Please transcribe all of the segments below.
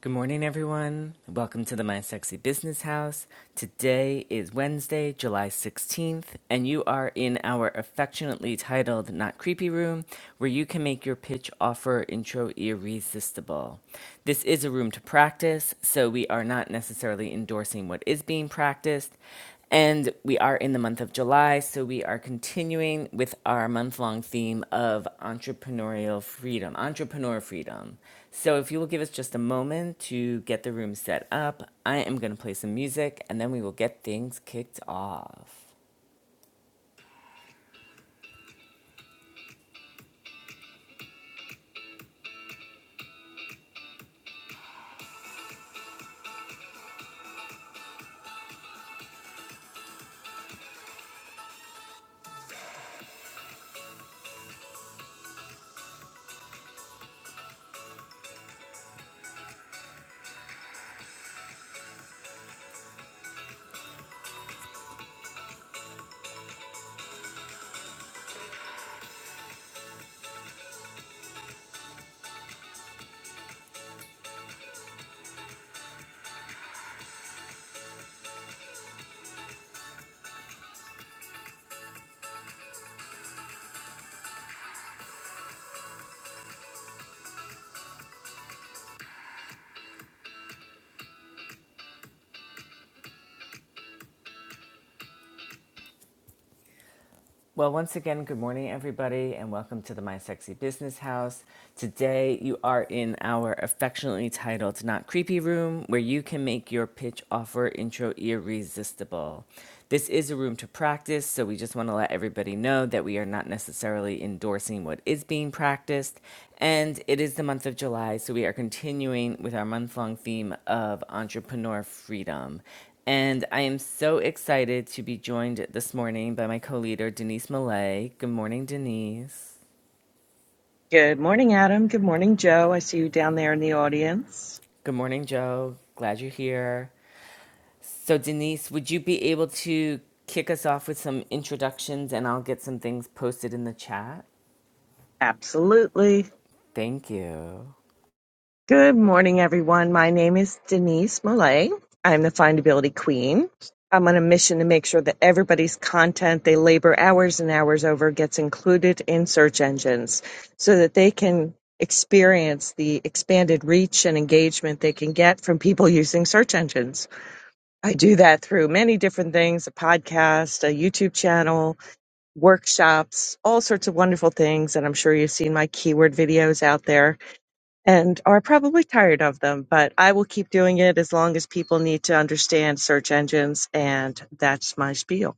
Good morning, everyone. Welcome to the My Sexy Business House. Today is Wednesday, July 16th, and you are in our affectionately titled Not Creepy Room, where you can make your pitch offer intro irresistible. This is a room to practice, so we are not necessarily endorsing what is being practiced, and we are in the month of July, so we are continuing with our month long theme of entrepreneurial freedom, entrepreneur freedom. So, if you will give us just a moment to get the room set up, I am going to play some music and then we will get things kicked off. Well, once again, good morning, everybody, and welcome to the My Sexy Business House. Today, you are in our affectionately titled Not Creepy Room, where you can make your pitch offer intro irresistible. This is a room to practice, so we just want to let everybody know that we are not necessarily endorsing what is being practiced. And it is the month of July, so we are continuing with our month long theme of entrepreneur freedom. And I am so excited to be joined this morning by my co leader, Denise Millay. Good morning, Denise. Good morning, Adam. Good morning, Joe. I see you down there in the audience. Good morning, Joe. Glad you're here. So, Denise, would you be able to kick us off with some introductions and I'll get some things posted in the chat? Absolutely. Thank you. Good morning, everyone. My name is Denise Millay. I'm the findability queen. I'm on a mission to make sure that everybody's content they labor hours and hours over gets included in search engines so that they can experience the expanded reach and engagement they can get from people using search engines. I do that through many different things a podcast, a YouTube channel, workshops, all sorts of wonderful things. And I'm sure you've seen my keyword videos out there and are probably tired of them, but I will keep doing it as long as people need to understand search engines. And that's my spiel.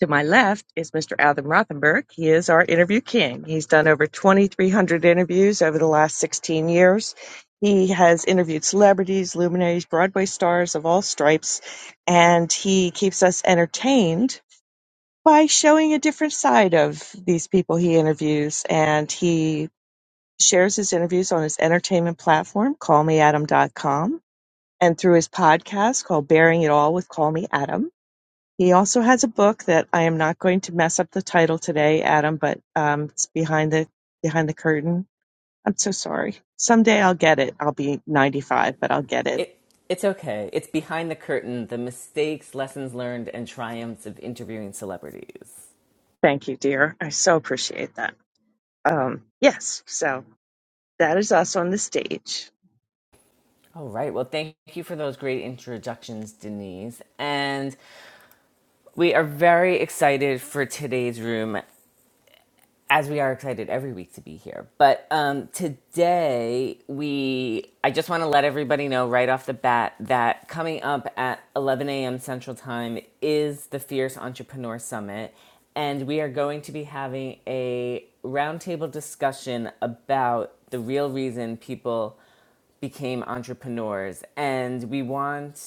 To my left is Mr. Adam Rothenberg. He is our interview king. He's done over 2,300 interviews over the last 16 years. He has interviewed celebrities, luminaries, Broadway stars of all stripes, and he keeps us entertained by showing a different side of these people he interviews. And he shares his interviews on his entertainment platform, callmeadam.com, and through his podcast called Bearing It All with Call Me Adam. He also has a book that I am not going to mess up the title today, Adam, but um, it's behind the behind the curtain. I'm so sorry. Someday I'll get it. I'll be 95, but I'll get it. It, it's okay. It's behind the curtain the mistakes, lessons learned, and triumphs of interviewing celebrities. Thank you, dear. I so appreciate that. Um, yes, so that is us on the stage. All right. Well, thank you for those great introductions, Denise. And We are very excited for today's room, as we are excited every week to be here. But um, today, we I just want to let everybody know right off the bat that coming up at 11 a.m. Central Time is the Fierce Entrepreneur Summit, and we are going to be having a roundtable discussion about the real reason people became entrepreneurs, and we want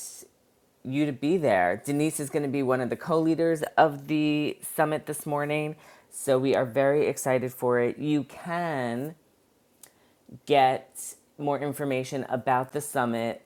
you to be there. Denise is going to be one of the co leaders of the summit this morning. So we are very excited for it. You can get more information about the summit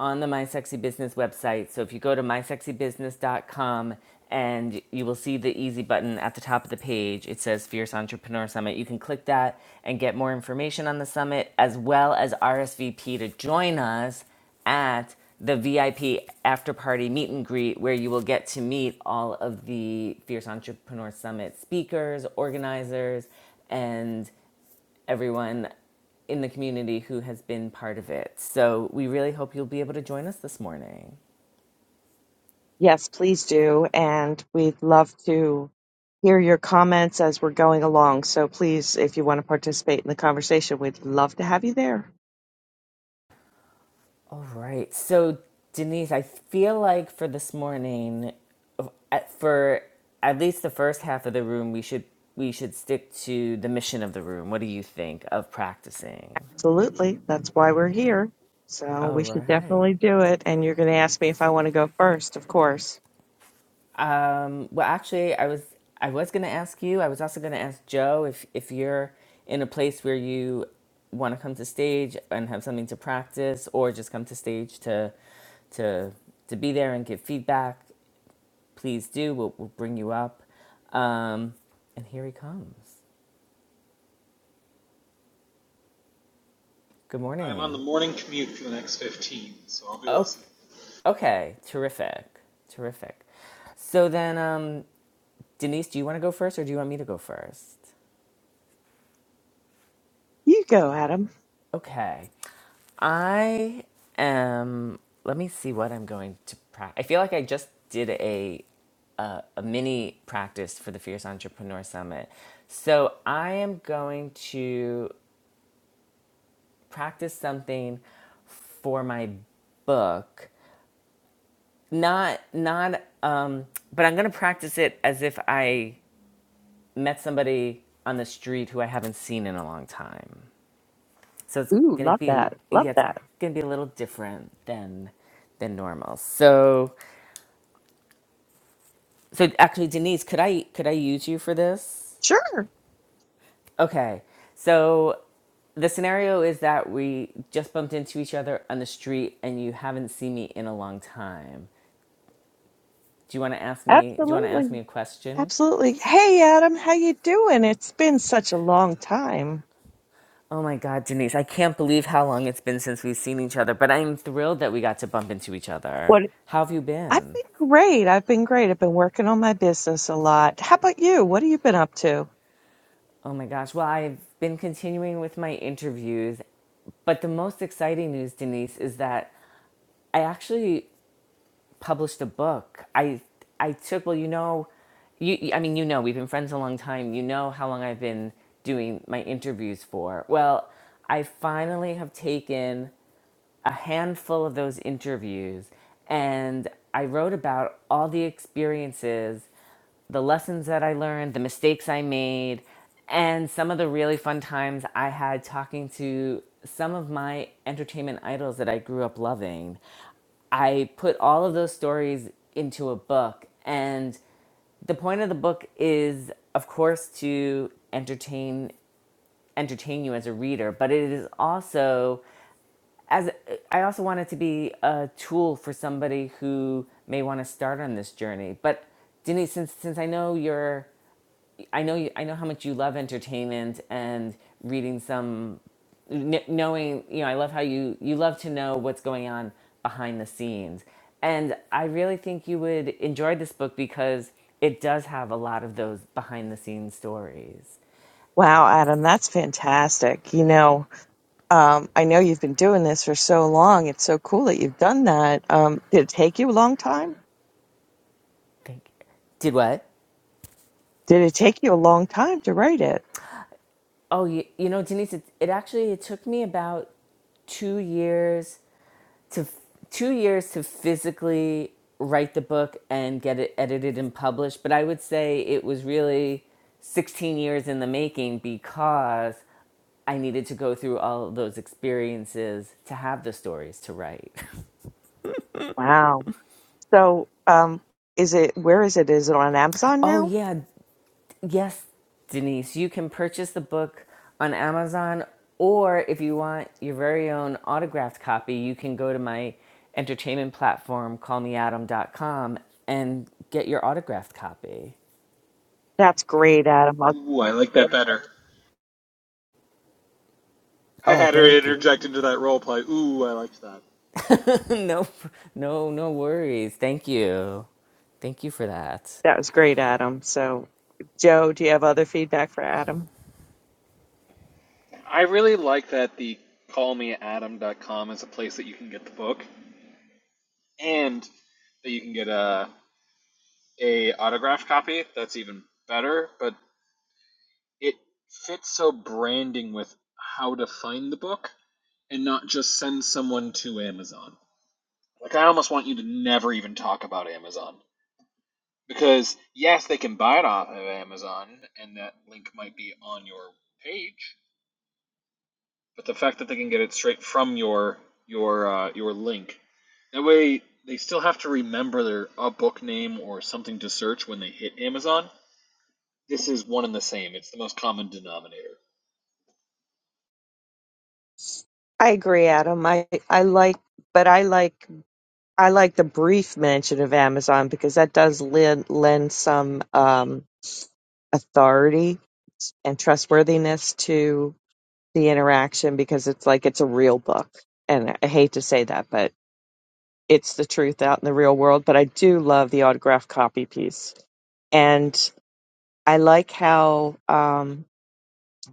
on the My Sexy Business website. So if you go to mysexybusiness.com and you will see the easy button at the top of the page, it says Fierce Entrepreneur Summit. You can click that and get more information on the summit as well as RSVP to join us at the VIP after party meet and greet, where you will get to meet all of the Fierce Entrepreneur Summit speakers, organizers, and everyone in the community who has been part of it. So we really hope you'll be able to join us this morning. Yes, please do. And we'd love to hear your comments as we're going along. So please, if you want to participate in the conversation, we'd love to have you there. All right. So, Denise, I feel like for this morning, for at least the first half of the room, we should we should stick to the mission of the room. What do you think of practicing? Absolutely. That's why we're here. So All we should right. definitely do it. And you're going to ask me if I want to go first, of course. Um, well, actually, I was I was going to ask you. I was also going to ask Joe if if you're in a place where you want to come to stage and have something to practice, or just come to stage to to to be there and give feedback. Please do. We'll, we'll bring you up. Um, and here he comes. Good I'm on morning. the morning commute for the next 15, so I'll be Okay, listening. okay, terrific, terrific. So then, um, Denise, do you want to go first, or do you want me to go first? You go, Adam. Okay. I am. Let me see what I'm going to practice. I feel like I just did a, a a mini practice for the Fierce Entrepreneur Summit. So I am going to practice something for my book. Not not. Um, but I'm going to practice it as if I met somebody on the street who I haven't seen in a long time. so it's Ooh, gonna love be that. Love yeah it's that. gonna be a little different than than normal so so actually denise could i could i use you for this Sure. okay so the scenario is that we just bumped into each other on the street and you haven't seen me in a long time do you want to ask me do you want to ask me Absolutely. a question Absolutely. Hey, Adam, how you doing? It's been such a long time. oh my god denise i can't believe how long it's been since we've seen each other but i'm thrilled that we got to bump into each other What? how have you I've been been great. I've been great. I've been working on my business a lot. How about you? What have you been up to? Oh my gosh. Well, I've been continuing with my interviews, but the most exciting news, Denise, is that I actually published a book. I I took well, you know, you I mean, you know, we've been friends a long time. You know how long I've been doing my interviews for. Well, I finally have taken a handful of those interviews and I wrote about all the experiences, the lessons that I learned, the mistakes I made, and some of the really fun times I had talking to some of my entertainment idols that I grew up loving. I put all of those stories into a book and the point of the book is of course to entertain entertain you as a reader, but it is also as I also want it to be a tool for somebody who may want to start on this journey. But Denise, since since I know you're, I know you, I know how much you love entertainment and reading some, knowing you know I love how you you love to know what's going on behind the scenes, and I really think you would enjoy this book because it does have a lot of those behind the scenes stories. Wow, Adam, that's fantastic. You know, um, I know you've been doing this for so long. It's so cool that you've done that. Um, did it take you a long time? Thank. you. Did what? Did it take you a long time to write it? Oh, you, you know, Denise, it, it actually it took me about two years to f- two years to physically write the book and get it edited and published. But I would say it was really sixteen years in the making because I needed to go through all of those experiences to have the stories to write. Wow. So, um, is it where is it? Is it on Amazon Oh, now? yeah. Yes, Denise, you can purchase the book on Amazon, or if you want your very own autographed copy, you can go to my entertainment platform, call me adam dot com, and get your autographed copy. That's great, Adam. I'll- Ooh, I like that better. I Oh, had her thank you. interject into that role play. Ooh, I liked that. no, no, no worries. Thank you. Thank you for that. That was great, Adam. So, Joe, do you have other feedback for Adam? I really like that the callmeadam.com is a place that you can get the book and that you can get a a autograph copy. That's even better, but it fits so branding with how to find the book and not just send someone to Amazon. Like I almost want you to never even talk about Amazon. Because yes, they can buy it off of Amazon, and that link might be on your page. But the fact that they can get it straight from your your uh, your link, that way they still have to remember their a book name or something to search when they hit Amazon. This is one and the same. It's the most common denominator. I agree, Adam. I I like, but I like I like the brief mention of Amazon because that does lend lend some um, authority and trustworthiness to the interaction because it's like it's a real book. And I hate to say that, but it's the truth out in the real world. But I do love the autographed copy piece. And I like how um,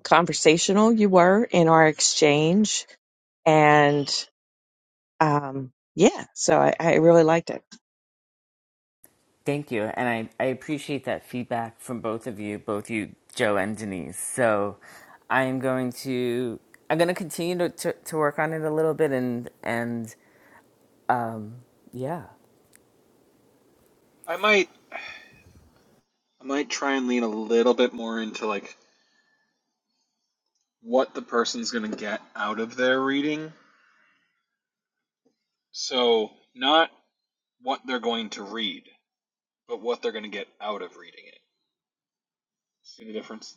conversational you were in our exchange. And um, yeah, so I, I really liked it. Thank you. And I, I appreciate that feedback from both of you, both you, Joe and Denise. So I am going to I'm going to continue to, to, to work on it a little bit and and yeah. I might I might try and lean a little bit more into like what the person's gonna get out of their reading. So not what they're going to read, but what they're going to get out of reading it. See the difference?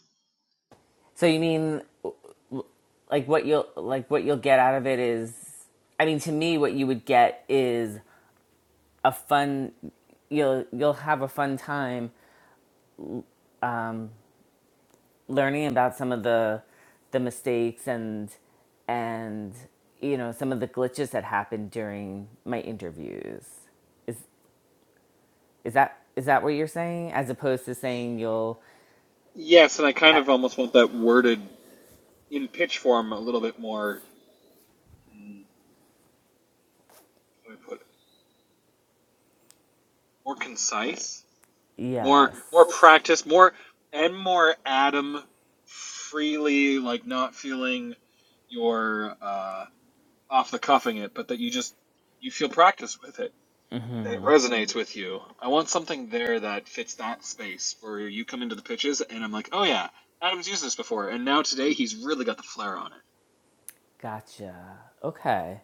So you mean like what you'll like what you'll get out of it is I mean to me what you would get is a fun you'll you'll have a fun time um, learning about some of the the mistakes and and you know some of the glitches that happened during my interviews is is that is that what you're saying as opposed to saying you'll Yes, and I kind uh, of almost want that worded in pitch form a little bit more. mm, How do I put it? More concise, more yes more practice, more and more Adam freely, like not feeling you're uh, off the cuffing it, but that you just you feel practice with it. That it resonates with you. I want something there that fits that space where you come into the pitches and I'm like, oh yeah, Adam's used this before, and now today he's really got the flair on it. gotcha okay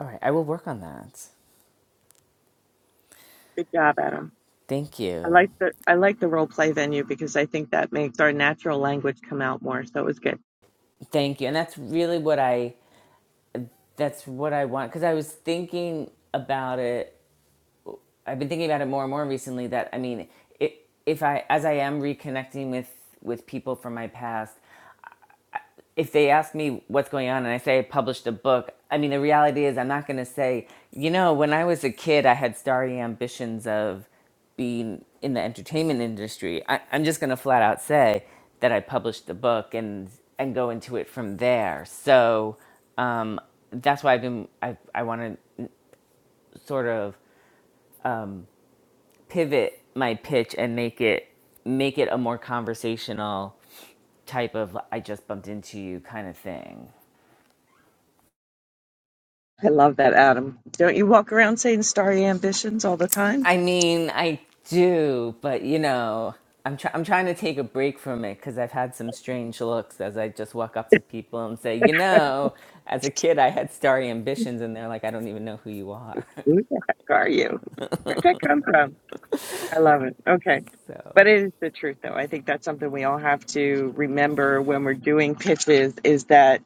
all right i will work on that Good job, Adam. thank I you like the I like the role play venue because I think that makes our natural language come out more. So it was good. thank you and that's really what i that's what i want because i was thinking about it I've been thinking about it more and more recently that I mean, it, if I as I am reconnecting with with people from my past, if they ask me what's going on and I say I published a book, I mean, the reality is I'm not going to say, you know, when I was a kid, I had starry ambitions of being in the entertainment industry. I, I'm just going to flat out say that I published the book and and go into it from there. So um, that's why I've been I I want to sort of pivot my pitch and make it make it a more conversational type of I just bumped into you kind of thing. I love that, Adam. Don't you walk around saying starry ambitions all the time? I mean, I do, but you know, I'm try- I'm trying to take a break from it cuz I've had some strange looks as I just walk up to people and say, "You know, as a kid I had starry ambitions." And they're like, "I don't even know who you are." Who the heck are you? Where'd that come from? I love it. Okay. so But it is the truth though. I think that's something we all have to remember when we're doing pitches is that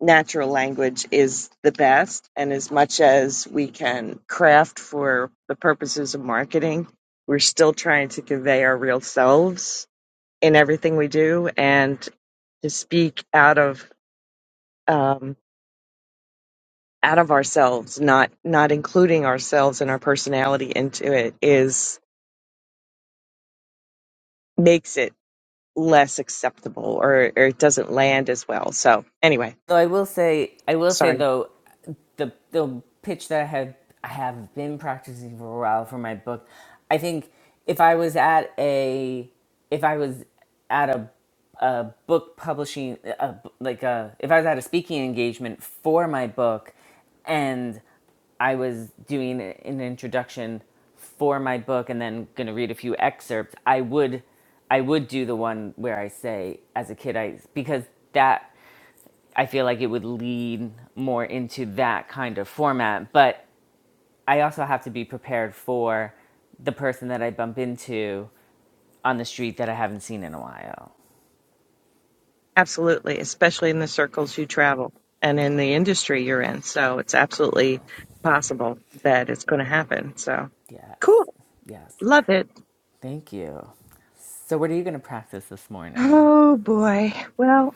natural language is the best and as much as we can craft for the purposes of marketing, we're still trying to convey our real selves in everything we do and to speak out of um out of ourselves, not not including ourselves and our personality into it is makes it. less acceptable or, or it doesn't land as well. So, anyway, So I will say, I will say sorry. though, the the pitch that I have I have been practicing for a while for my book, I think if I was at a if I was at a a book publishing a, like a if I was at a speaking engagement for my book, and I was doing an introduction for my book and then going to read a few excerpts, I would I would do the one where I say as a kid I because that I feel like it would lead more into that kind of format. But I also have to be prepared for the person that I bump into on the street that I haven't seen in a while. Absolutely, especially in the circles you travel and in the industry you're in. So, it's absolutely possible that it's going to happen. So, Yes, cool. yes. Love it. Thank you. So, what are you going to practice this morning? Oh boy. Well,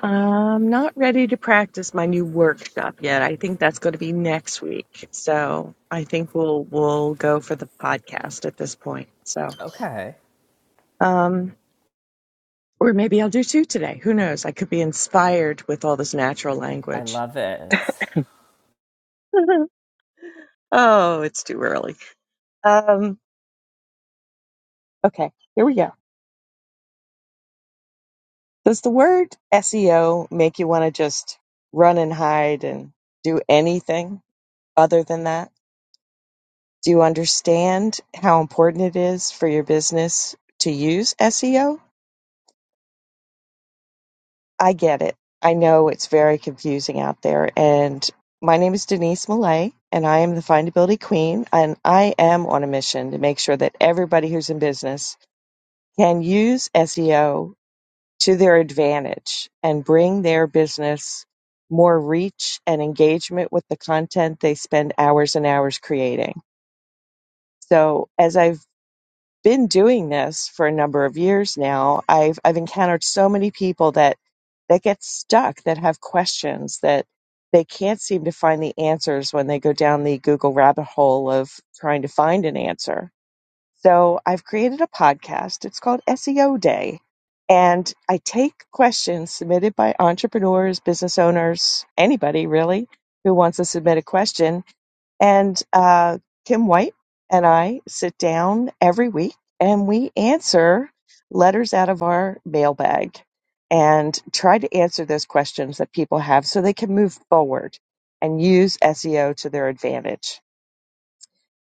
I'm not ready to practice my new workshop yet. I think that's going to be next week. So, I think we'll we'll go for the podcast at this point. So, Okay. um. Or maybe I'll do two today. Who knows? I could be inspired with all this natural I language. love it. oh, it's too early. Um, okay, here we go. Does the word SEO make you want to just run and hide and do anything other than that? Do you understand how important it is for your business to use SEO? I get it. I know it's very confusing out there. And my name is Denise Millay, and I am the findability queen. And I am on a mission to make sure that everybody who's in business can use SEO to their advantage and bring their business more reach and engagement with the content they spend hours and hours creating. So, as I've been doing this for a number of years now. I've I've encountered so many people that that get stuck, that have questions that they can't seem to find the answers when they go down the Google rabbit hole of trying to find an answer. So I've created a podcast. It's called SEO Day. And I take questions submitted by entrepreneurs, business owners, anybody really who wants to submit a question and uh, Kim White and I sit down every week and we answer letters out of our mailbag and try to answer those questions that people have so they can move forward and use SEO to their advantage.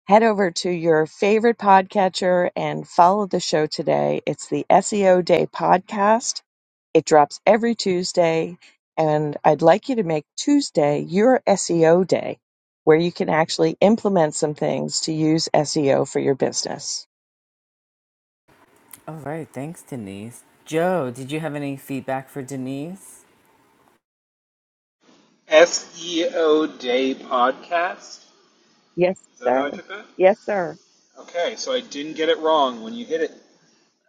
Head over to your favorite podcatcher and follow the show today. It's the SEO Day podcast it drops every Tuesday, and I'd like you to make Tuesday your SEO day where you can actually implement some things to use SEO for your business. All right. Thanks, Denise. Joe, did you have any feedback for Denise? SEO Day Podcast. Yes, Is that how I sir. took that? Yes, sir. Okay, so I didn't get it wrong when you hit it.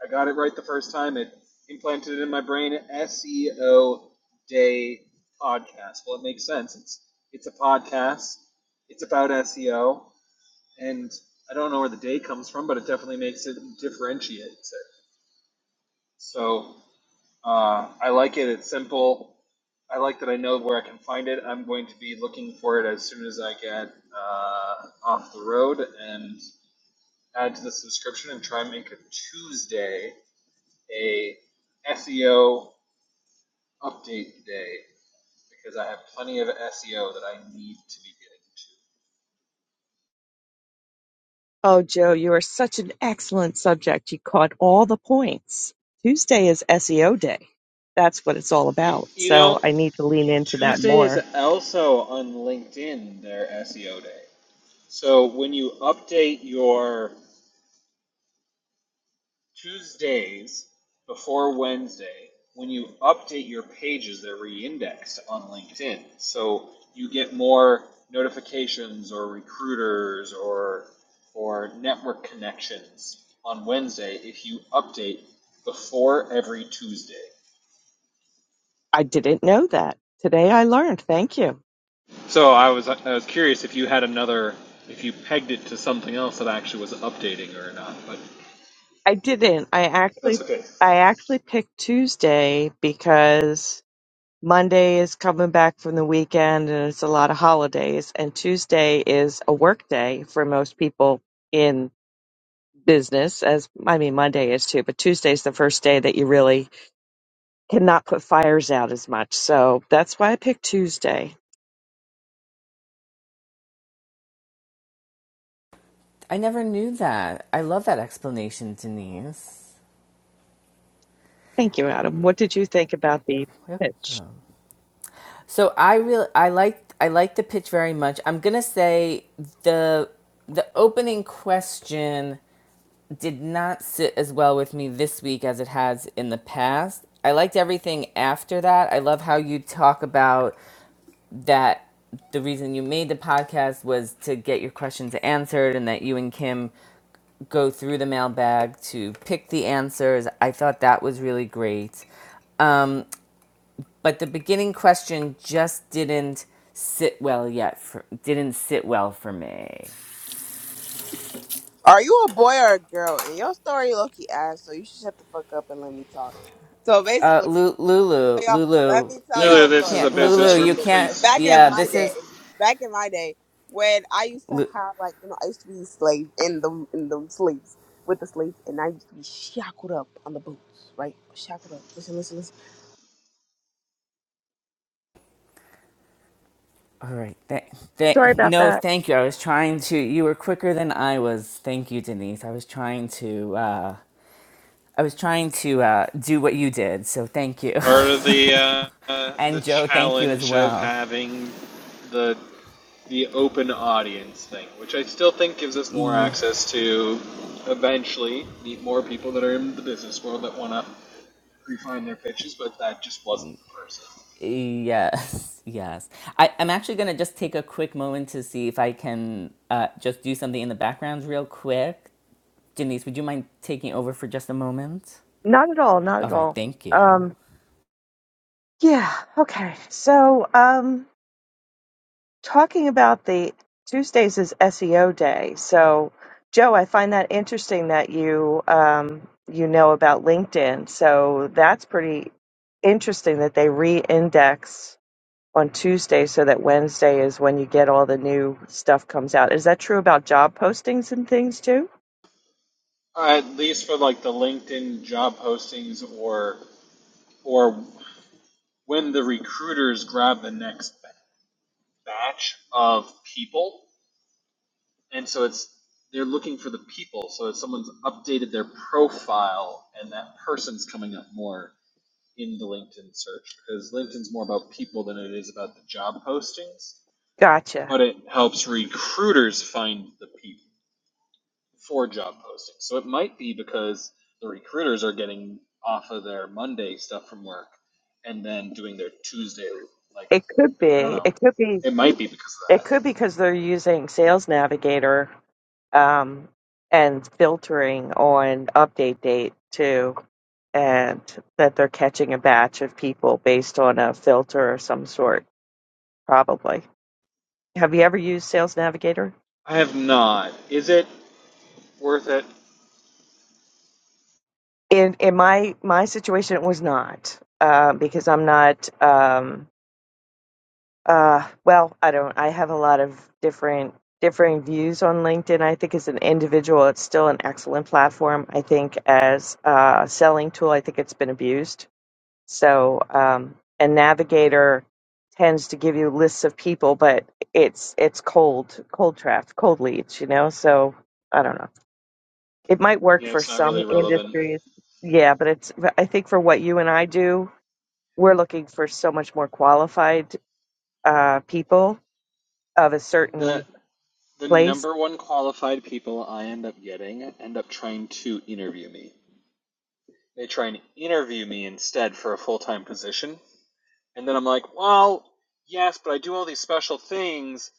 I got it right the first time. It implanted it in my brain. SEO Day Podcast. Well, it makes sense. It's it's a podcast. It's about SEO, and I don't know where the day comes from, but it definitely makes it differentiates it. So Uh, I like it. It's simple. I like that I know where I can find it. I'm going to be looking for it as soon as I get uh, off the road and add to the subscription and try and make a Tuesday a SEO update day because I have plenty of SEO that I need to be Oh, Joe, you are such an excellent subject. You caught all the points. Tuesday is SEO day. That's what it's all getting about. to. You, you So know, I need to lean into that Tuesday is more. also on LinkedIn their SEO day. So when you update your Tuesdays before Wednesday when you update your pages they're re-indexed on LinkedIn. So you get more notifications or recruiters or or network connections on Wednesday if you update before every Tuesday. I didn't know that. Today I learned. Thank you. So I was I was curious if you had another if you pegged it to something else that actually was updating or not, but I didn't. I actually that's okay. I actually picked Tuesday because Monday is coming back from the weekend and it's a lot of holidays. And Tuesday is a work day for most people in business, as I mean, Monday is too, but Tuesday's the first day that you really cannot put fires out as much. So that's why I picked Tuesday. I never knew that. I love that explanation, Denise. Thank you, Adam. What did you think about the You're pitch? welcome. So I really I like I like the pitch very much. I'm gonna say the the opening question did not sit as well with me this week as it has in the past. I liked everything after that. I love how you talk about that the reason you made the podcast was to get your questions answered and that you and Kim go through the mailbag to pick the answers. I thought that was really great. Um, but the beginning question just didn't sit well yet for, didn't sit well for me Are you a boy or a girl? And your story low key ass, so you should shut the fuck up and let me talk. So uh basically, Lu- lulu y'all, let lulu me tell you Clearly y'all a this story. is a can't So lulu business you room. can't basically, Please back be in yeah my this respectful. is day, back in my day, when I used to Lu- have like you know, I used to be slave in the in the sleeves with the sleeves, and I used to be shackled up on the boots, right? Shackled up. Listen, listen, listen. all right thank thank Sorry about no that. thank you i was trying to you were quicker than i was thank you denise i was trying to uh i was trying to uh do what you did so thank you part of the uh, uh, the and joe thank you as challenge of well having the the open audience thing, which I still think gives us more E access to eventually meet more people that are in the business world that want to refine their pitches, but that just wasn't the person. Yes, yes. I, I'm actually going to just take a quick moment to see if I can uh, just do something in the background real quick. Denise, would you mind taking over for just a moment? Not at all. Not All at right, all. thank you. Um, yeah. Okay. So, um, talking about the Tuesdays is SEO day. So, Joe, I find that interesting that you um, you know about LinkedIn. So that's pretty interesting that they re-index on Tuesday so that Wednesday is when you get all the new stuff comes out. Is that true about job postings and things too? Uh, at least for like the LinkedIn job postings or or when the recruiters grab the next batch of people, and so it's they're looking for the people. So if someone's updated their profile, and that person's coming up more in the LinkedIn search because LinkedIn's more about people than it is about the job postings. Gotcha. But it helps recruiters find the people for job postings. So it might be because the recruiters are getting off of their Monday stuff from work and then doing their Tuesday. Like It could I don't be. know. It could be. It might be because It of could be because they're using Sales Navigator um, and filtering on update date too. and that they're catching a batch of people based on a filter of some sort, probably. Have you ever used Sales Navigator? that. I have not. Is it worth it? In in my my situation, it was not uh, because I'm not. Um, uh, well, I don't. I have a lot of different differing views on LinkedIn. I think as an individual, it's still an excellent platform. I think as a selling tool, I think it's been abused So, um, and Navigator tends to give you lists of people, but it's it's cold, cold draft, cold leads, you know. So I don't know. It might work Yeah, for it's not some really relevant. industries, yeah, but it's I think for what you and I do, we're looking for so much more qualified uh, people of a The certain the place number one qualified people I end up getting end up trying to interview me. They try and interview me instead for a full time position. And then I'm like, well, yes, but I do all these special things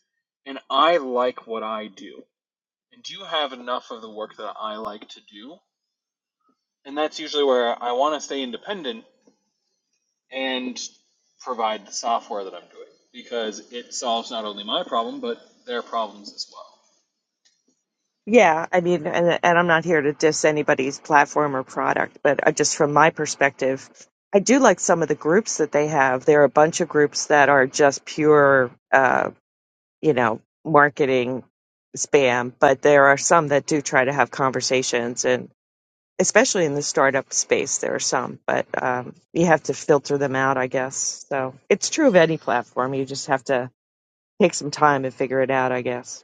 and I like what I do. And do you have enough of the work that I like to do? And that's usually where I want to stay independent and provide the software that I'm doing because it solves not only my problem, but their problems as well. Yeah, I mean, and, and I'm not here to diss anybody's platform or product, but I, just from my perspective, I do like some of the groups that they have. There are a bunch of groups that are just pure, uh, you know, marketing spam, but there are some that do try to have conversations, and especially in the startup space, there are some, but um, you have to filter them out, I guess. So it's true of any platform. You just have to take some time and figure it out, I guess.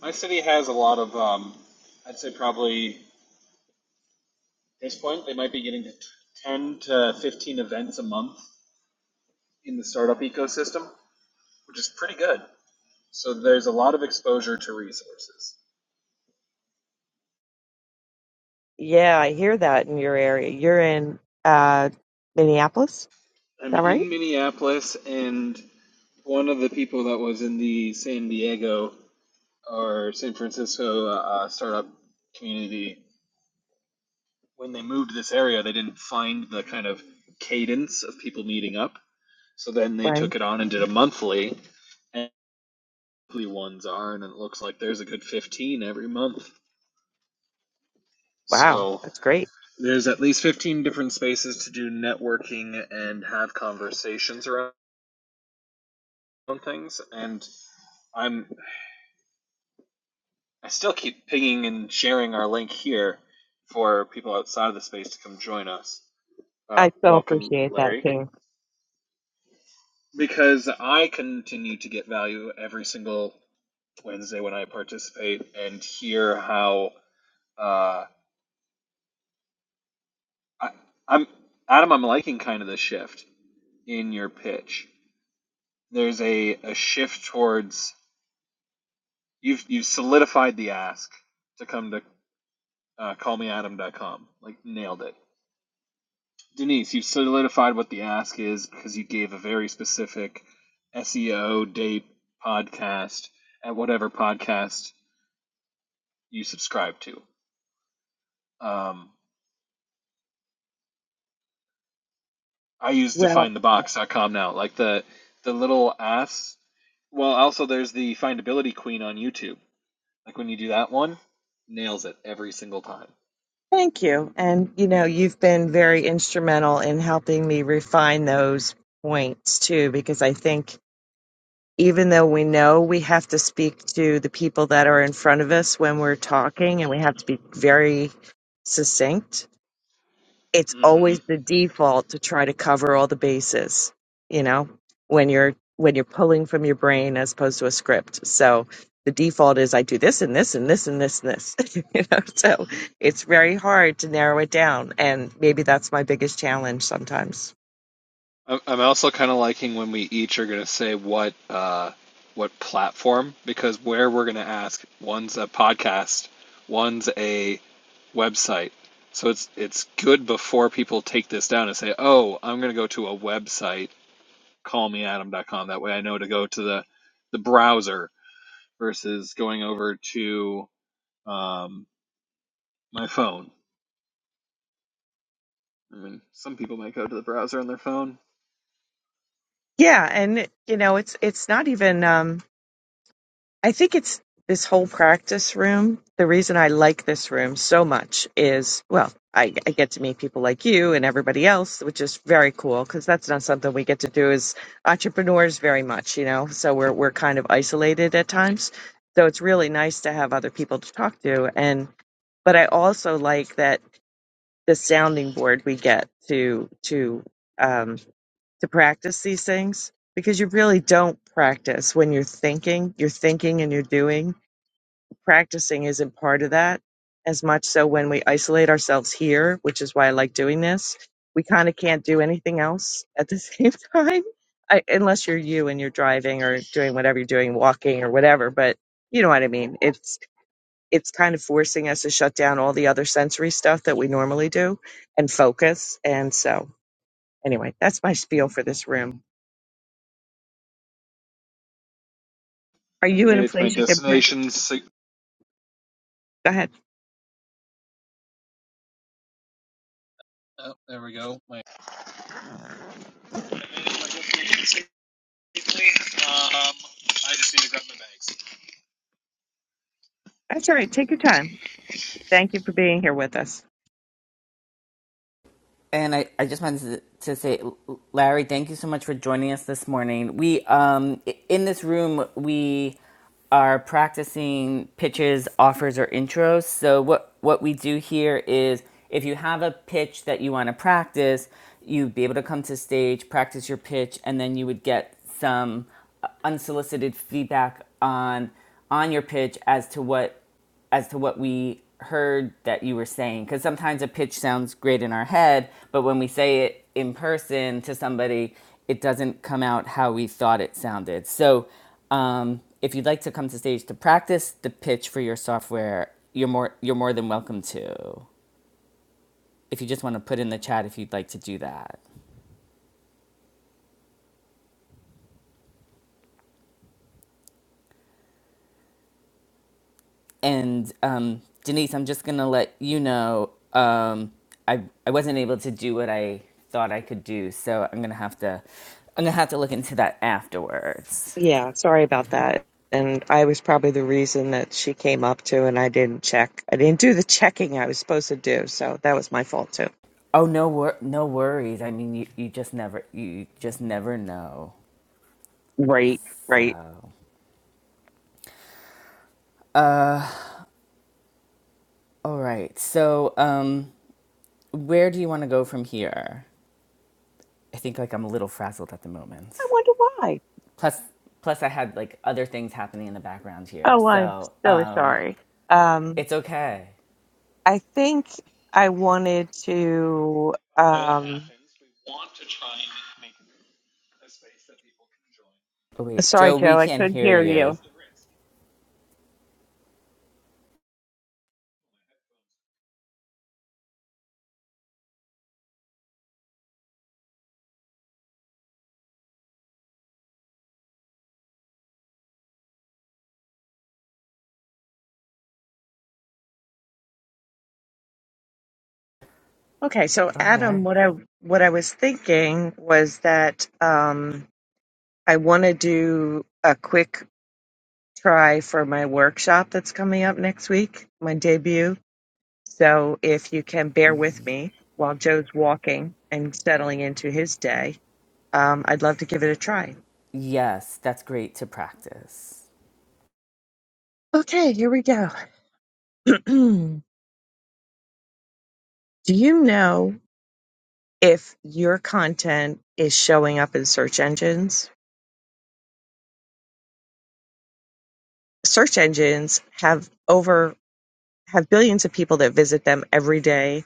My city has a lot of, um, I'd say probably at this point, they might be getting to 10 to 15 events a month in the startup ecosystem, which is pretty good. So there's a lot of exposure to resources. Yeah, I hear that in your area. You're in uh Minneapolis, is I'm that in right? Minneapolis, and one of the people that was in the San Diego or San Francisco uh, uh, startup community, when they moved to this area, they didn't find the kind of cadence of people meeting up. So then they Right. took it on and did a monthly, and monthly ones are, and it looks like there's a good 15 every month. Wow, So that's great. there's at least 15 different spaces to do networking and have conversations around things. And I'm I still keep pinging and sharing our link here for people outside of the space to come join us. Uh, I so welcome, appreciate that Larry, too. because I continue to get value every single Wednesday when I participate and hear how. Uh, I, I'm Adam. I'm liking kind of the shift in your pitch. There's a, a shift towards you've you've solidified the ask to come to uh, callmeadam.com. Like nailed it, Denise. You've solidified what the ask is because you gave a very specific SEO date podcast at whatever podcast you subscribe to. Um, I use Well, defindthebox.com now, like the the little ass. Well, also there's the findability queen on YouTube. Like when you do that one, nails it every single time. thank you. And you know, you've been very instrumental in helping me refine those points too, because I think even though we know we have to speak to the people that are in front of us when we're talking and we have to be very succinct, it's Mm-hmm. always the default to try to cover all the bases, you know, when you're when you're pulling from your brain as opposed to a script. So the default is I do this and this and this and this and this. you know, so it's very hard to narrow it down and maybe that's my biggest challenge sometimes. I'm also kind of liking when we each are gonna say what uh, what platform because where we're gonna ask one's a podcast, one's a website. So it's it's good before people take this down and say, "Oh, I'm gonna go to a website." callmeadam.com. That way I know to go to the, the browser versus going over to um, my phone. I mean, some people might go to the browser on their phone. Yeah, and you know, it's it's not even um I think it's this whole practice room. The reason I like this room so much is, well, I, I get to meet people like you and everybody else, which is very cool because that's not something we get to do as entrepreneurs very much, you know. So we're we're kind of isolated at times. So it's really nice to have other people to talk to, and but I also like that the sounding board we get to to um, to practice these things because you really don't practice when you're thinking, you're thinking and you're doing practicing isn't part of that as much. So when we isolate ourselves here, which is why I like doing this, we kind of can't do anything else at the same time, I, unless you're you and you're driving or doing whatever you're doing, walking or whatever. But you know what I mean. It's it's kind of forcing us to shut down all the other sensory stuff that we normally do and focus. And so anyway, that's my spiel for this room. Are I've you in made a it to my place you can pray? destination. sig- Go ahead. oh, there we go. My, I made it to my destination safely. Um, I just need to grab my bags. It's That's all right. Take your time. Thank you for being here with us. And I, I just wanted to say, Larry, thank you so much for joining us this morning. We, um, in this room, we are practicing pitches, offers, or intros. So what, what we do here is if you have a pitch that you want to practice, you'd be able to come to stage, practice your pitch, and then you would get some unsolicited feedback on on your pitch as to what as to what we heard that you were saying because sometimes a pitch sounds great in our head but when we say it in person to somebody it doesn't come out how we thought it sounded so um, if you'd like to come to stage to practice the pitch for your software you're more you're more than welcome to if you just want to put in the chat if you'd like to do that And um, Denise, I'm just gonna let you know um, I I wasn't able to do what I thought I could do, so I'm gonna have to I'm gonna have to look into that afterwards. Yeah, sorry about that. And I was probably the reason that she came up to, and I didn't check. I didn't do the checking I was supposed to do, so that was my fault too. Oh no, wor- no worries. I mean, you, you just never you just never know. Right, right. So all right. So um, where do you want to go from here? I think like I'm a little frazzled at the moment. I wonder why. Plus, plus I had like other things happening in the background here, Oh, I'm so so um, sorry. Um, it's okay. I think I wanted to. perfectly fine That it Um, happens. We want to try and make a space that people can join, Oh, wait, and sorry, Joe, we Joe, I that's can't couldn't hear hear that you. you. is the risk. Okay, so All Adam, right. what I what I was thinking was that um, I want to do a quick try for my workshop that's coming up next week, my debut. So if you can bear with me while Joe's walking and settling into his day, um, I'd love to give it a try. Yes, that's great to practice. Okay, here we go. Do you know if your content is showing up in search engines? Search engines have over have billions of people that visit them every day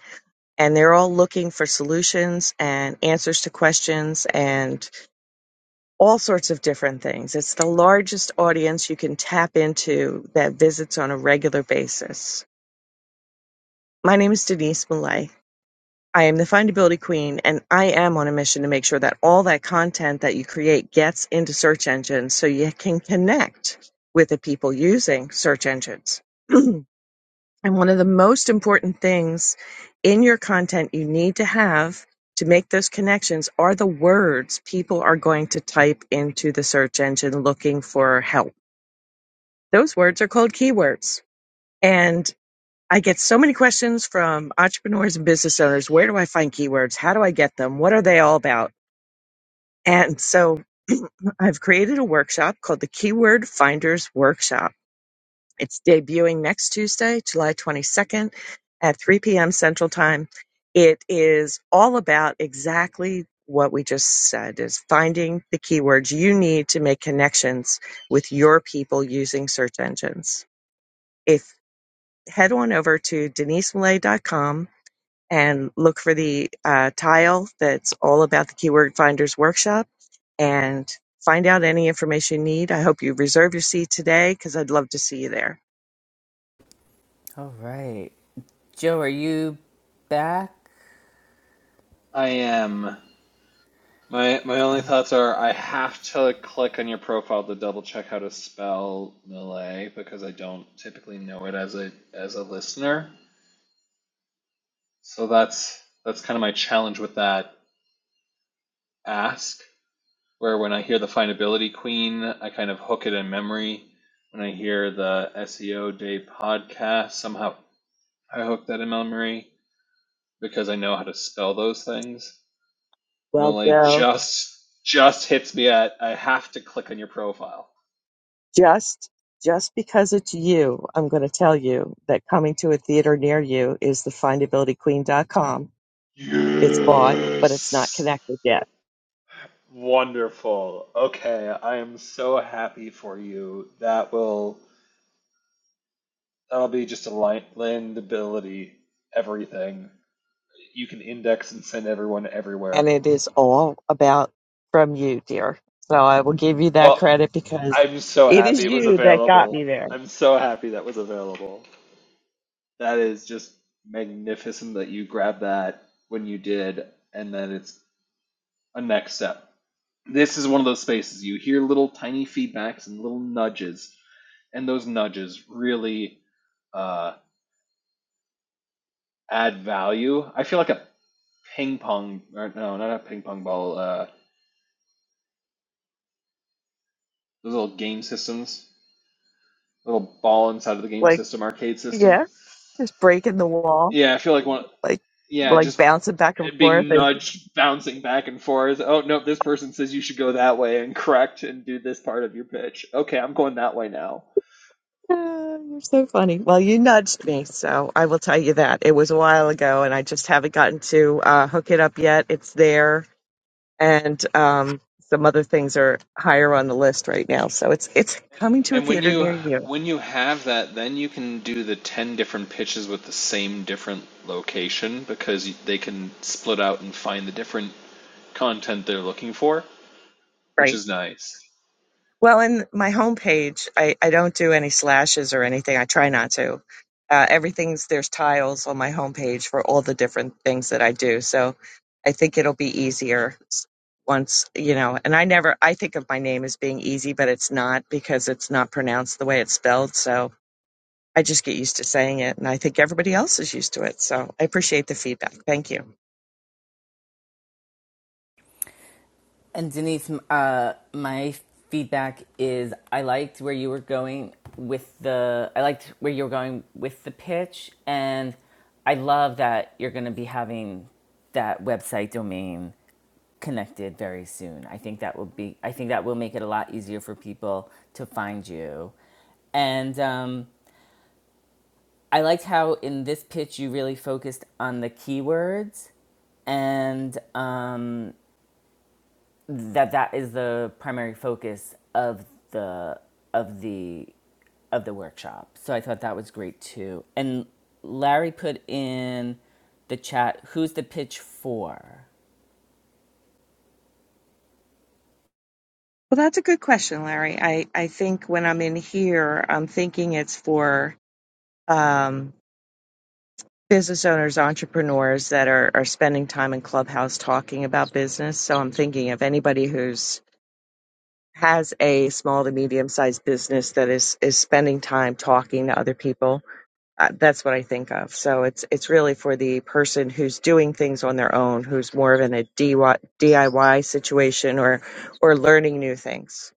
and they're all looking for solutions and answers to questions and. all sorts of different things. It's the largest audience you can tap into that visits on a regular basis. My name is Denise Millay. I am the findability queen, and I am on a mission to make sure that all that content that you create gets into search engines so you can connect with the people using search engines. And one of the most important things in your content you need to have to make those connections are the words people are going to type into the search engine looking for help. Those words are called keywords. And I get so many questions from entrepreneurs and business owners. Where do I find keywords? How do I get them? What are they all about? And so I've created a workshop called the Keyword Finders Workshop It's debuting next Tuesday, July 22nd at 3 p.m. Central Time. It is all about exactly what we just said is finding the keywords you need to make connections with your people using search engines. If head on over to denisemillay.com and look for the uh, tile that's all about the keyword finders workshop and find out any information you need. I hope you reserve your seat today because I'd love to see you there. All right. Joe, are you back? I am. My my only thoughts are I have to click on your profile to double check how to spell Malay because I don't typically know it as a as a listener. So that's that's kind of my challenge with that ask. Where when I hear the findability queen, I kind of hook it in memory. When I hear the SEO day podcast, somehow I hook that in memory because I know how to spell those things. Well, Malay Joe. just just hits me at I have to click on your profile. Just just because it's you, I'm going to tell you that coming to a theater near you is the findabilityqueen.com. It's bought, but it's not Yes. connected yet. Wonderful. Okay, I am so happy for you. That will that'll be just a li- landability everything. You can index and send everyone And everywhere. it is all about from you, dear. So I will give you that Well, credit because I'm so it is happy it was you that got available. me there. I'm so happy that was available. That is just magnificent that you grabbed that when you did and then it's a next step. This is one of those spaces you hear little tiny feedbacks and little nudges and those nudges really uh, add value. I feel like a ping pong, or no, not a ping pong ball. Uh, those little game systems, little ball inside of the game Like, system, arcade system. yeah, just breaking the wall. Yeah, I feel like one. like Yeah, like just bouncing back and forth. being And, nudged, bouncing back and forth. Oh no, this person says you should go that way and correct and do this part of your pitch. Okay, I'm going that way now. "Ah, you're so funny. Well, you nudged me, so I will tell you that it was a while ago, and I just haven't gotten to uh, hook it up yet. It's there, and um, some other things are higher on the list right now. So it's it's coming to a And when theater you near you, when you have that, then you can do the 10 different pitches with the same different location because you- they can split out and find the different content they're looking for, which right? is nice. Well, in my homepage, I, I don't do any slashes or anything. I try not to. Uh, everything's there's tiles on my homepage for all the different things that I do. So I think it'll be easier s- once, you know. And I never, I think of my name as being easy, but it's not because it's not pronounced the way it's spelled. So I just get used to saying it. And I think everybody else is used to it. So I appreciate the feedback. Thank you. And Denise, uh, my feedback is I liked where you were going with the I liked where you were going with the pitch, and I love that you're going to be having that website domain connected very soon. I think that will be I think that will make it a lot easier for people to find you. And um, I liked how in this pitch you really focused on the keywords and um, that that is the primary focus of the of the of the workshop. So I thought that was great too. And Larry put in the chat, who's the pitch for? Well, that's a good question, Larry. I, I think when I'm in here, I'm thinking it's for. Um, business owners, entrepreneurs that are, are spending time in Clubhouse talking about business. So I'm thinking of anybody who's has a small to medium sized business that is is spending time talking to other people. Uh, that's what I think of. So it's it's really for the person who's doing things on their own, who's more of in a DIY situation or or learning new things.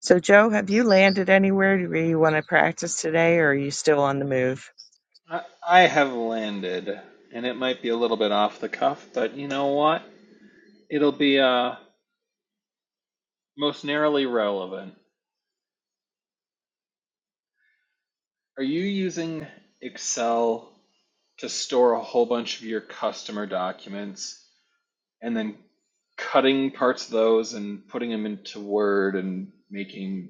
So Joe, have you landed anywhere where you want to practice today, or are you still on the move? I, I have landed, and it might be a little bit off the cuff, but you know what? It'll be uh most narrowly relevant. Are you using Excel to store a whole bunch of your customer documents? and then cutting parts of those and putting them into Word and making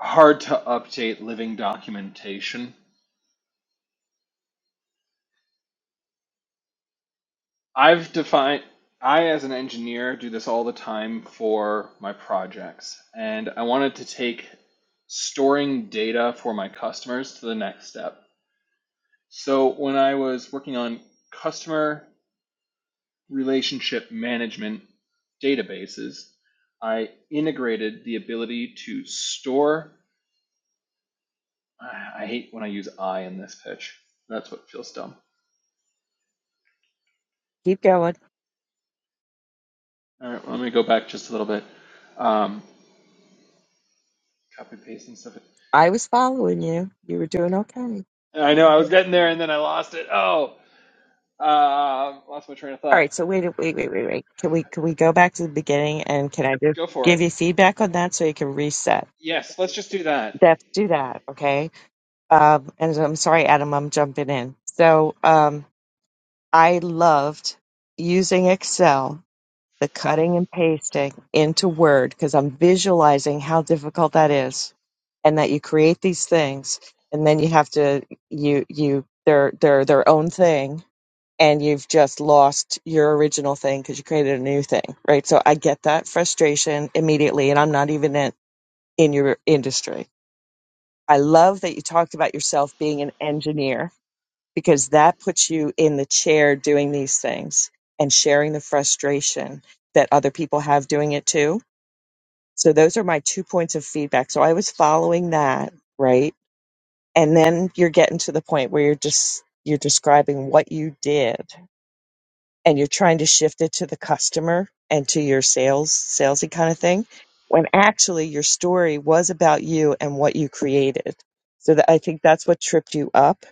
hard to update living documentation. I've defined, I as an engineer do this all the time for my projects, and I wanted to take storing data for my customers to the next step. So when I was working on customer relationship management databases, I integrated the ability to store I, I hate when I use I in this pitch. That's what feels dumb. Keep going. All right, well, let me go back just a little bit. Um, copy paste, and stuff. I was following you. You were doing okay. I know I was getting there and then I lost it. Oh, uh, lost my train of All thought. right, so wait, wait, wait, wait, wait. Can we can we go back to the beginning and can I just Go for it. give you feedback on that so you can reset? Yes, let's just do that. Let's do that, okay? Um, and I'm sorry, Adam, I'm jumping in. So um, I loved using Excel, the cutting and pasting into Word because I'm visualizing how difficult that is, and that you create these things and then you have to you you they're they're their own thing and you've just lost your original thing because you created a new thing, right? So I get that frustration immediately, and I'm not even in, in your industry. I love that you talked about yourself being an engineer because that puts you in the chair doing these things and sharing the frustration that other people have doing it too. So those are my two points of feedback. So I was following that, right? And then you're getting to the point where you're just you're describing what you did and you're trying to shift it to the customer and to your sales, salesy kind of thing, when actually your story was about you and what you created. So that I think that's what tripped you up.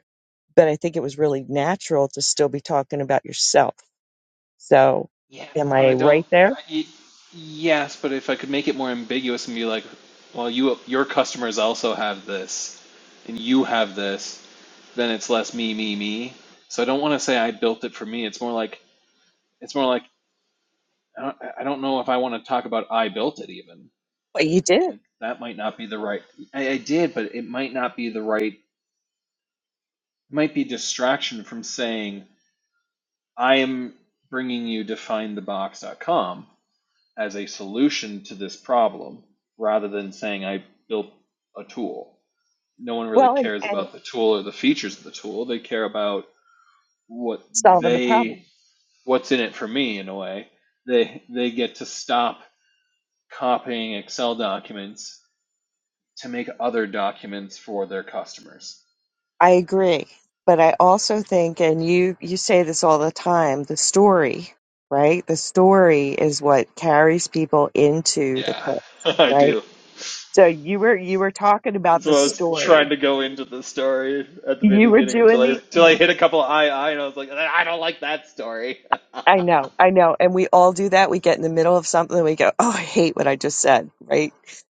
But I think it was really natural to still be talking about yourself. So Yeah, am but I I don't. right there? I, y- yes, but if I could make it more ambiguous and be like, well, you your customers also have this, and you have this, then it's less me, me, me. So I don't want to say I built it for me. It's more like it's more like I don't, I don't know if I want to talk about I built it even. But you did. Like that might not be the right. I, I did, but it might not be the right. It might be distraction from saying I am bringing you definethebox.com as a solution to this problem, rather than saying I built a tool. No one really Well, and, cares and about the tool or the features of the tool. They care about what solving the problem. they what's in it for me in a way. They they get to stop copying Excel documents to make other documents for their customers. I agree, but I also think, and you you say this all the time, the story, right? The story is what carries people into the Yeah, pitch, I right? do. So you were you were talking about That's the what I was trying story. to go into the story at the You were beginning until doing I until I the. hit a couple of I I and I was like, I don't like that story. I know, I know, and we all do that. We get in the middle of something, and we go, "Oh, I hate what I just said," right?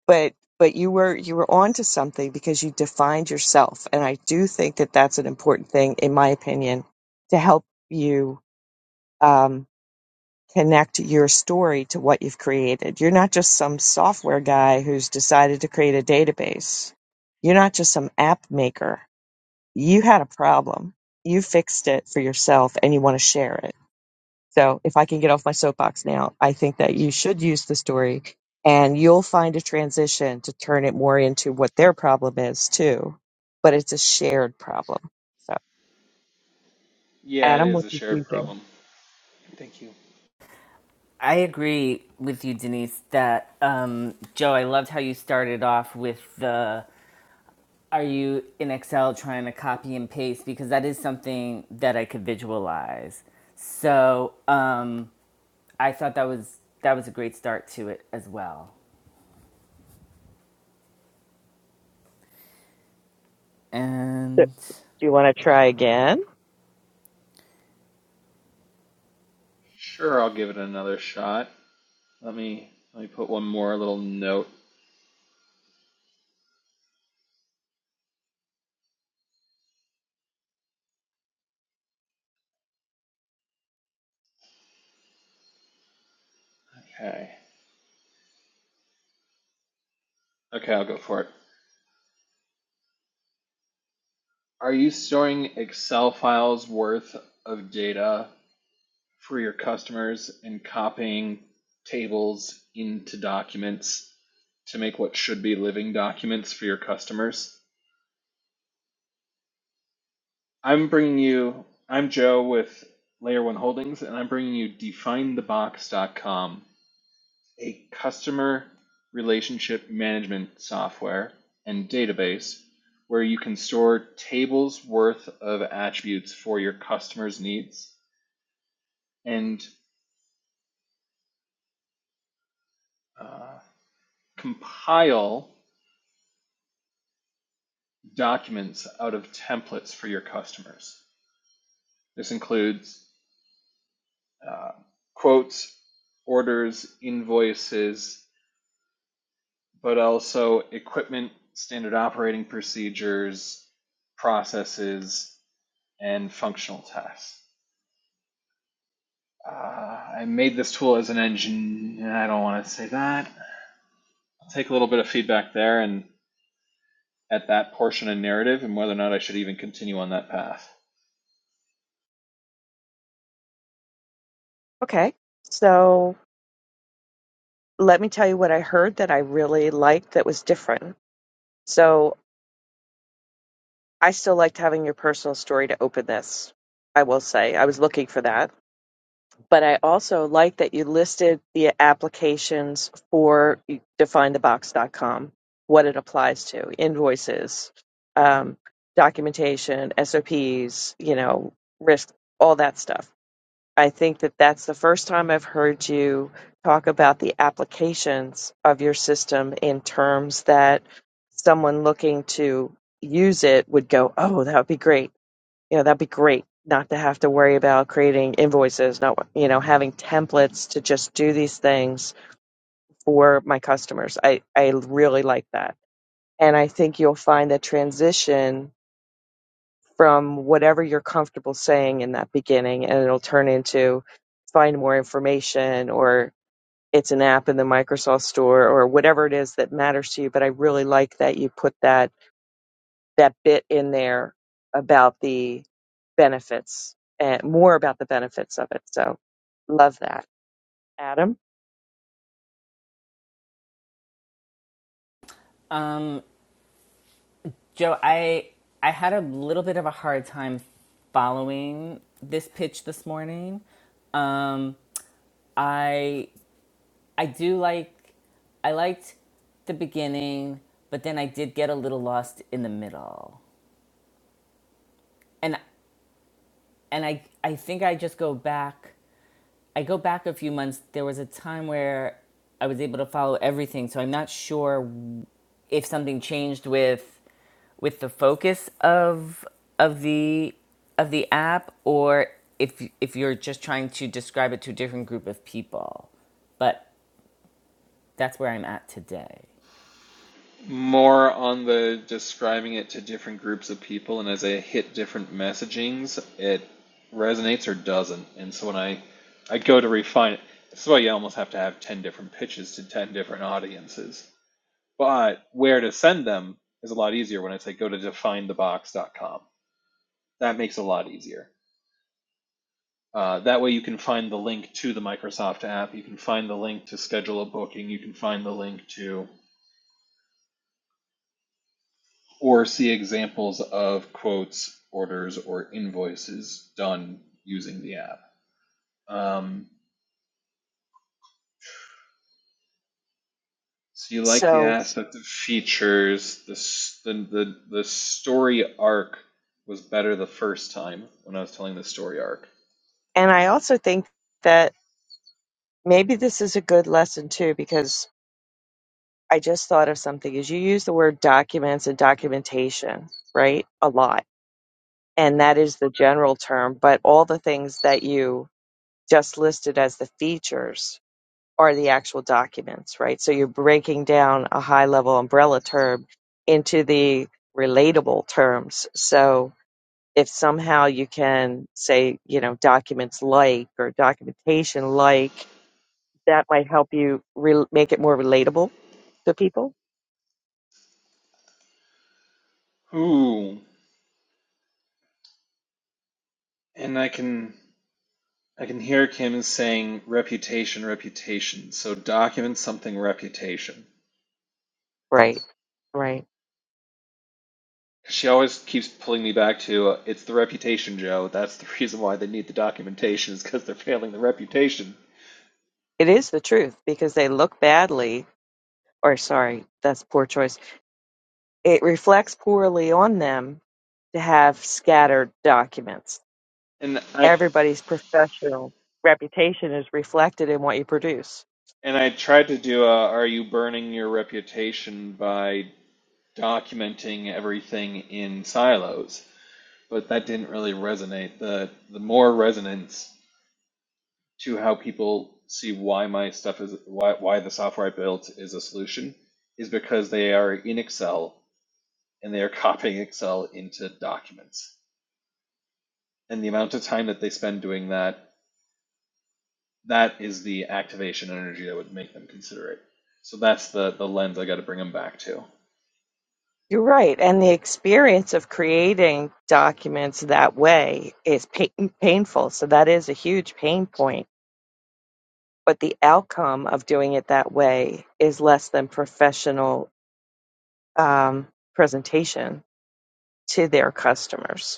But but you were you were onto something because you defined yourself, and I do think that that's an important thing, in my opinion, to help you. Um, connect your story to what you've created. You're not just some software guy who's decided to create a database. You're not just some app maker. You had a problem. You fixed it for yourself and you want to share it. So, if I can get off my soapbox now, I think that you should use the story and you'll find a transition to turn it more into what their problem is too. But it's a shared problem. So, Yeah, it Adam, is what a do you shared think? problem. Thank you. I agree with you, Denise, that um, Joe, I loved how you started off with the Are you in Excel trying to copy and paste? Because that is something that I could visualize. So um, I thought that was that was a great start to it as well. Do And do you want to try again? Sure, I'll give it another shot. Let me let me put one more little note. Okay. Okay, I'll go for it. Are you storing Excel files worth of data for your customers and copying tables into documents to make what should be living documents for your customers. I'm bringing you, I'm Joe with Layer 1 Holdings, and I'm bringing you DefineTheBox.com, a customer relationship management software and database where you can store tables worth of attributes for your customers' needs and uh, compile documents out of templates for your customers. This includes uh, quotes, orders, invoices, but also equipment, standard operating procedures, processes, and functional tests. Uh, I made this tool as an engine. I don't want to say that. I'll take a little bit of feedback there and at that portion of narrative and whether or not I should even continue on that path. Okay. So, let me tell you what I heard that I really liked that was different. So I still liked having your personal story to open this. I will say I was looking for that, but I also liked that you listed the applications for definethebox.com, what it applies to, invoices, um, documentation, SOPs, you know, risk, all that stuff. I think that that's the first time I've heard you talk about the applications of your system in terms that someone looking to use it would go, "Oh, that would be great. You know, that'd be great not to have to worry about creating invoices, not, you know, having templates to just do these things for my customers." I I really like that. And I think you'll find that transition from whatever you're comfortable saying in that beginning, and it'll turn into find more information or it's an app in the Microsoft store or whatever it is that matters to you. But I really like that you put that that bit in there about the benefits and more about the benefits of it. So love that, Adam. um, Joe, I I had a little bit of a hard time following this pitch this morning. Um, I I do like I liked the beginning, but then I did get a little lost in the middle. And and I I think I just go back. I go back a few months. There was a time where I was able to follow everything, so I'm not sure if something changed with with the focus of of the of the app or if if you're just trying to describe it to a different group of people. But that's where I'm at today. more on the describing it to different groups of people, and as I hit different messagings, it resonates or doesn't. And so when I I go to refine it, that's why you almost have to have ten different pitches to ten different audiences. But where to send them is a lot easier when I say go to definethebox.com. That makes it a lot easier. Uh, that way you can find the link to the Microsoft app. You can find the link to schedule a booking. You can find the link to or see examples of quotes, orders, or invoices done using the app. Um, so you like the So aspect of features. The, the the the story arc was better the first time when I was telling the story arc. and I also think that maybe this is a good lesson too because I just thought of something is you use the word documents and documentation, right? A lot. And that is the general term, but all the things that you just listed as the features are the actual documents, right? So you're breaking down a high level umbrella term into the relatable terms. So if somehow you can say, you know, documents like or documentation like, that might help you re- make it more relatable to people. Ooh, and I can I can hear Kim saying reputation, reputation. So document something reputation. Right. Right. She always keeps pulling me back to uh, it's the reputation, Joe. That's the reason why they need the documentation is because they're failing the reputation. It is the truth because they look badly, or sorry, that's poor choice. It reflects poorly on them to have scattered documents. And I Everybody's professional reputation is reflected in what you produce. and I tried to do a are you burning your reputation by documenting everything in silos, but that didn't really resonate. The the more resonance to how people see why my stuff is why why the software I built is a solution is because they are in Excel and they are copying Excel into documents and the amount of time that they spend doing that, that is the activation energy that would make them consider it. So that's the the lens I got to bring them back to. You're right. And the experience of creating documents that way is pain- painful. So that is a huge pain point. But the outcome of doing it that way is less than professional um, presentation to their customers.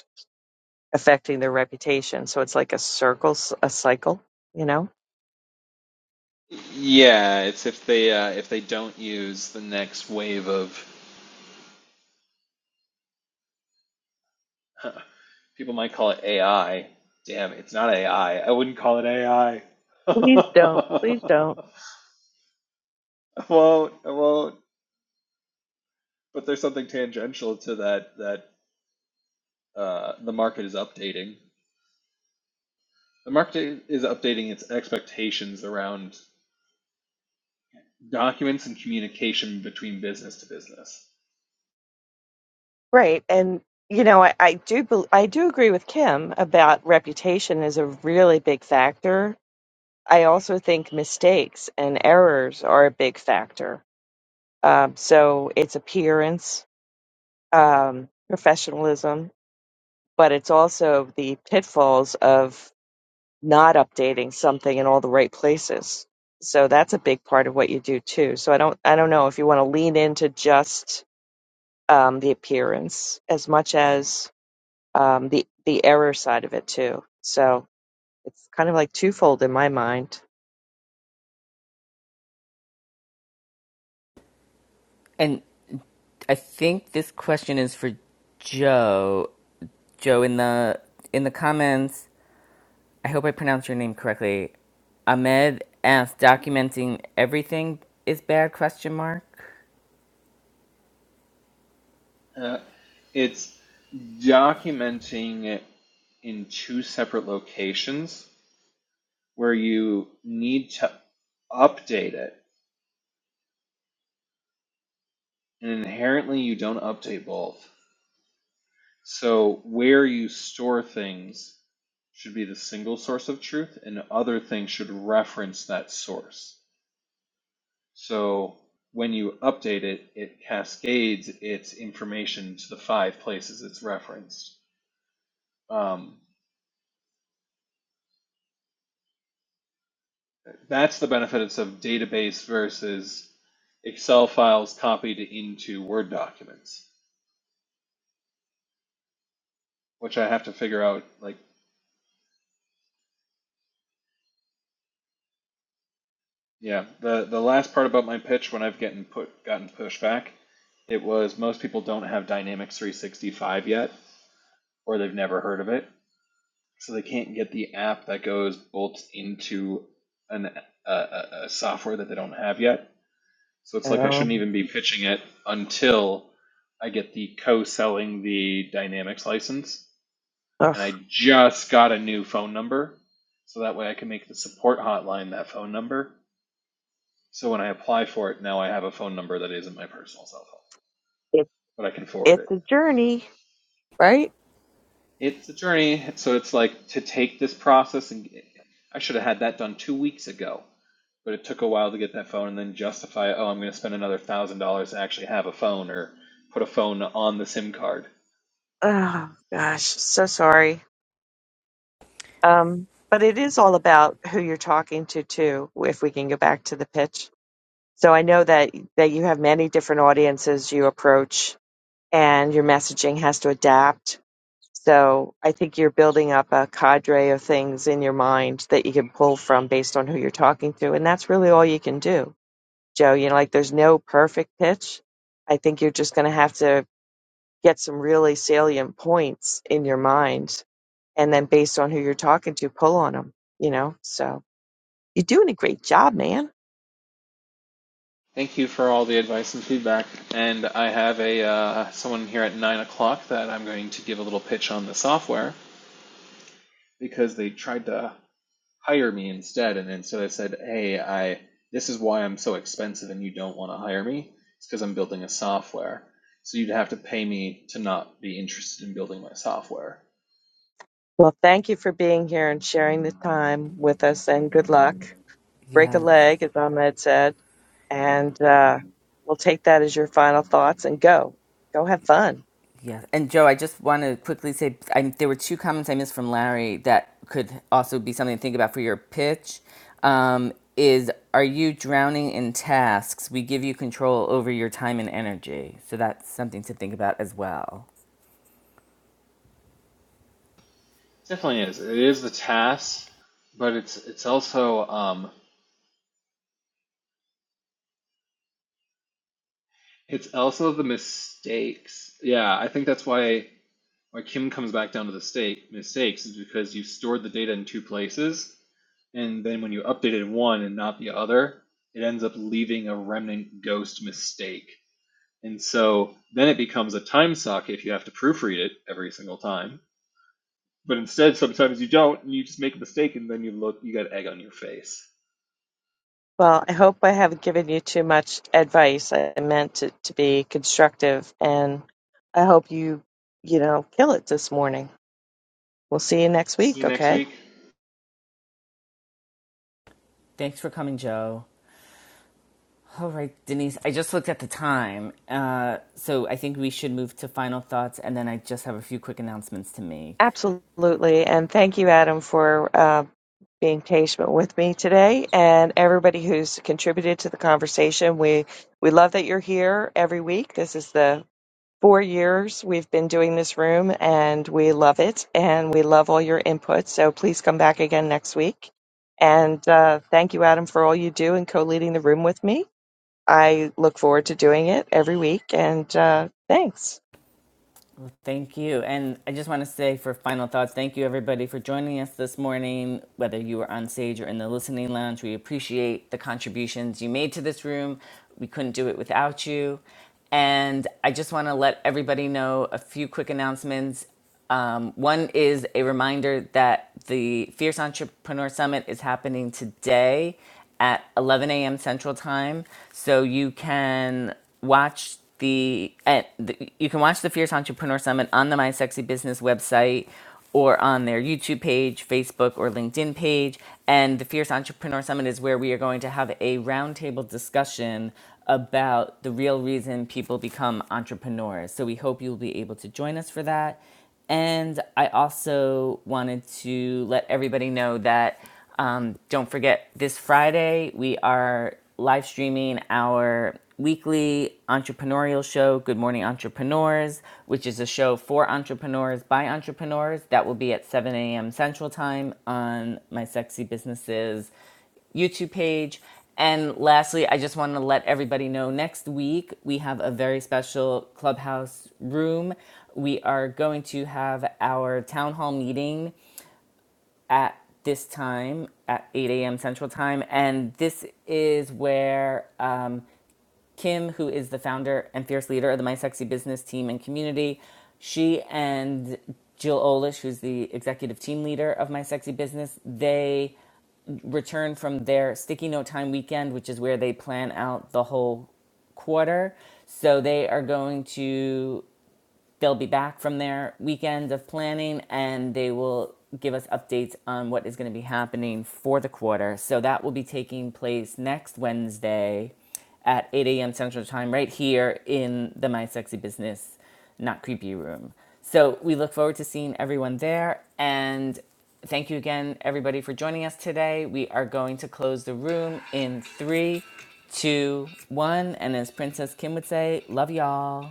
affecting their reputation. So it's like a circle, a cycle, you know? Yeah, it's if they uh, if they don't use the next wave of huh, People might call it AI. Damn, it's not AI. I I wouldn't call it AI. I Please don't. Please don't. I won't. I won't. But there's something tangential to that. That uh, the market is updating. The market is updating its expectations around documents and communication between business to business. Right. And, you know, I, I do, bel I do agree with Kim about reputation is a really big factor. I also think mistakes and errors are a big factor. Um, so it's appearance, um, professionalism, but it's also the pitfalls of not updating something in all the right places. So that's a big part of what you do too. So I don't I don't know if you want to lean into just um, the appearance as much as um, the the error side of it too. So it's kind of like twofold in my mind. And I think this question is for Joe. Joe in the in the comments I hope I pronounced your name correctly. Ahmed asked, documenting everything is bad? Question mark. Uh, it's documenting it in two separate locations where you need to update it. And inherently, you don't update both. So, where you store things should be the single source of truth, and other things should reference that source. So, when you update it, it cascades its information to the five places it's referenced. Um, that's the benefits of database versus Excel files copied into Word documents, which I have to figure out. Like, yeah, the the last part about my pitch when I've gotten put gotten pushback, it was most people don't have Dynamics 365 yet, or they've never heard of it, so they can't get the app that goes bolt into an a, a software that they don't have yet So it's like I shouldn't Um, even be pitching it until I get the co selling the Dynamics license. ugh, And I just got a new phone number. So that way I can make the support hotline that phone number. So when I apply for it, now I have a phone number that isn't my personal cell phone, it, but I can forward it's it. a journey, right? It's a journey. So it's like to take this process, and I should have had that done two weeks ago, but it took a while to get that phone and then justify, oh, I'm going to spend another thousand dollars to actually have a phone or put a phone on the SIM card. Oh gosh, so sorry. Um, but it is all about who you're talking to too. If we can go back to the pitch So I know that that you have many different audiences you approach, and your messaging has to adapt. So I think you're building up a cadre of things in your mind that you can pull from based on who you're talking to, and that's really all you can do, Joe. You know, like there's no perfect pitch. I think you're just going to have to get some really salient points in your mind, and then based on who you're talking to, pull on them. You know, so you're doing a great job, man. Thank you for all the advice and feedback. And I have a uh, someone here at nine o'clock that I'm going to give a little pitch on the software because they tried to hire me instead. And then so I said, hey, I this is why I'm so expensive and you don't want to hire me. It's because I'm building a software. So you'd have to pay me to not be interested in building my software. Well, thank you for being here and sharing the time with us, and good luck. Break a Yes, leg, as Ahmed said, and uh, we'll take that as your final thoughts and go. Go have fun. yes. And Joe, I just want to quickly say I, there were two comments I missed from Larry that could also be something to think about for your pitch. Um, is are you drowning in tasks? We give you control over your time and energy, so that's something to think about as well. It definitely is. It is the task, but it's it's also um it's also the mistakes. Yeah, I think that's why why Kim comes back down to the state mistakes is because you stored the data in two places, and then when you updated one and not the other, it ends up leaving a remnant ghost mistake. And so then it becomes a time suck if you have to proofread it every single time. But instead, sometimes you don't, and you just make a mistake, and then you look, you got egg on your face. Well, I hope I haven't given you too much advice. I meant it to be constructive, and I hope you, you know, kill it this morning. We'll see you next See week, you next okay? week. Thanks for coming, Joe. All right, Denise, I just looked at the time. Uh, so I think we should move to final thoughts, and then I just have a few quick announcements to make. Absolutely. And thank you, Adam, for uh, being patient with me today and everybody who's contributed to the conversation. We we love that you're here every week. This is the four years we've been doing this room and we love it and we love all your input. So please come back again next week. And uh, thank you, Adam, for all you do and co leading the room with me. I look forward to doing it every week. And uh, thanks. Thank you. And I just want to say for final thoughts, thank you everybody for joining us this morning, whether you were on stage or in the listening lounge. We appreciate the contributions you made to this room. We couldn't do it without you. And I just want to let everybody know a few quick announcements. Um, one is a reminder that the Fierce Entrepreneur Summit is happening today at 11 a.m. Central Time, so you can watch the, at the you can watch the Fierce Entrepreneur Summit on the My Sexy Business website or on their YouTube page, Facebook, or LinkedIn page. And the Fierce Entrepreneur Summit is where we are going to have a roundtable discussion about the real reason people become entrepreneurs. So we hope you'll be able to join us for that. And I also wanted to let everybody know that um, don't forget this Friday we are live streaming our weekly entrepreneurial show, Good Morning Entrepreneurs, which is a show for entrepreneurs by entrepreneurs. That will be at 7 a.m. Central Time on my Sexy Businesses YouTube page. And lastly, I just want to let everybody know next week we have a very special clubhouse room. We are going to have our town hall meeting at this time at 8 a.m. Central Time. And this is where uh, Kim, who is the founder and fierce leader of the My Sexy Business team and community, she and Jill Olish, who's the executive team leader of My Sexy Business, they return from their sticky note time weekend, which is where they plan out the whole quarter. So they are going to They'll be back from their weekend of planning and they will give us updates on what is going to be happening for the quarter. So that will be taking place next Wednesday at 8 a.m. Central Time, right here in the My Sexy Business Not Creepy room. So we look forward to seeing everyone there. And thank you again, everybody, for joining us today. We are going to close the room in three, two, one. And as Princess Kim would say, love y'all.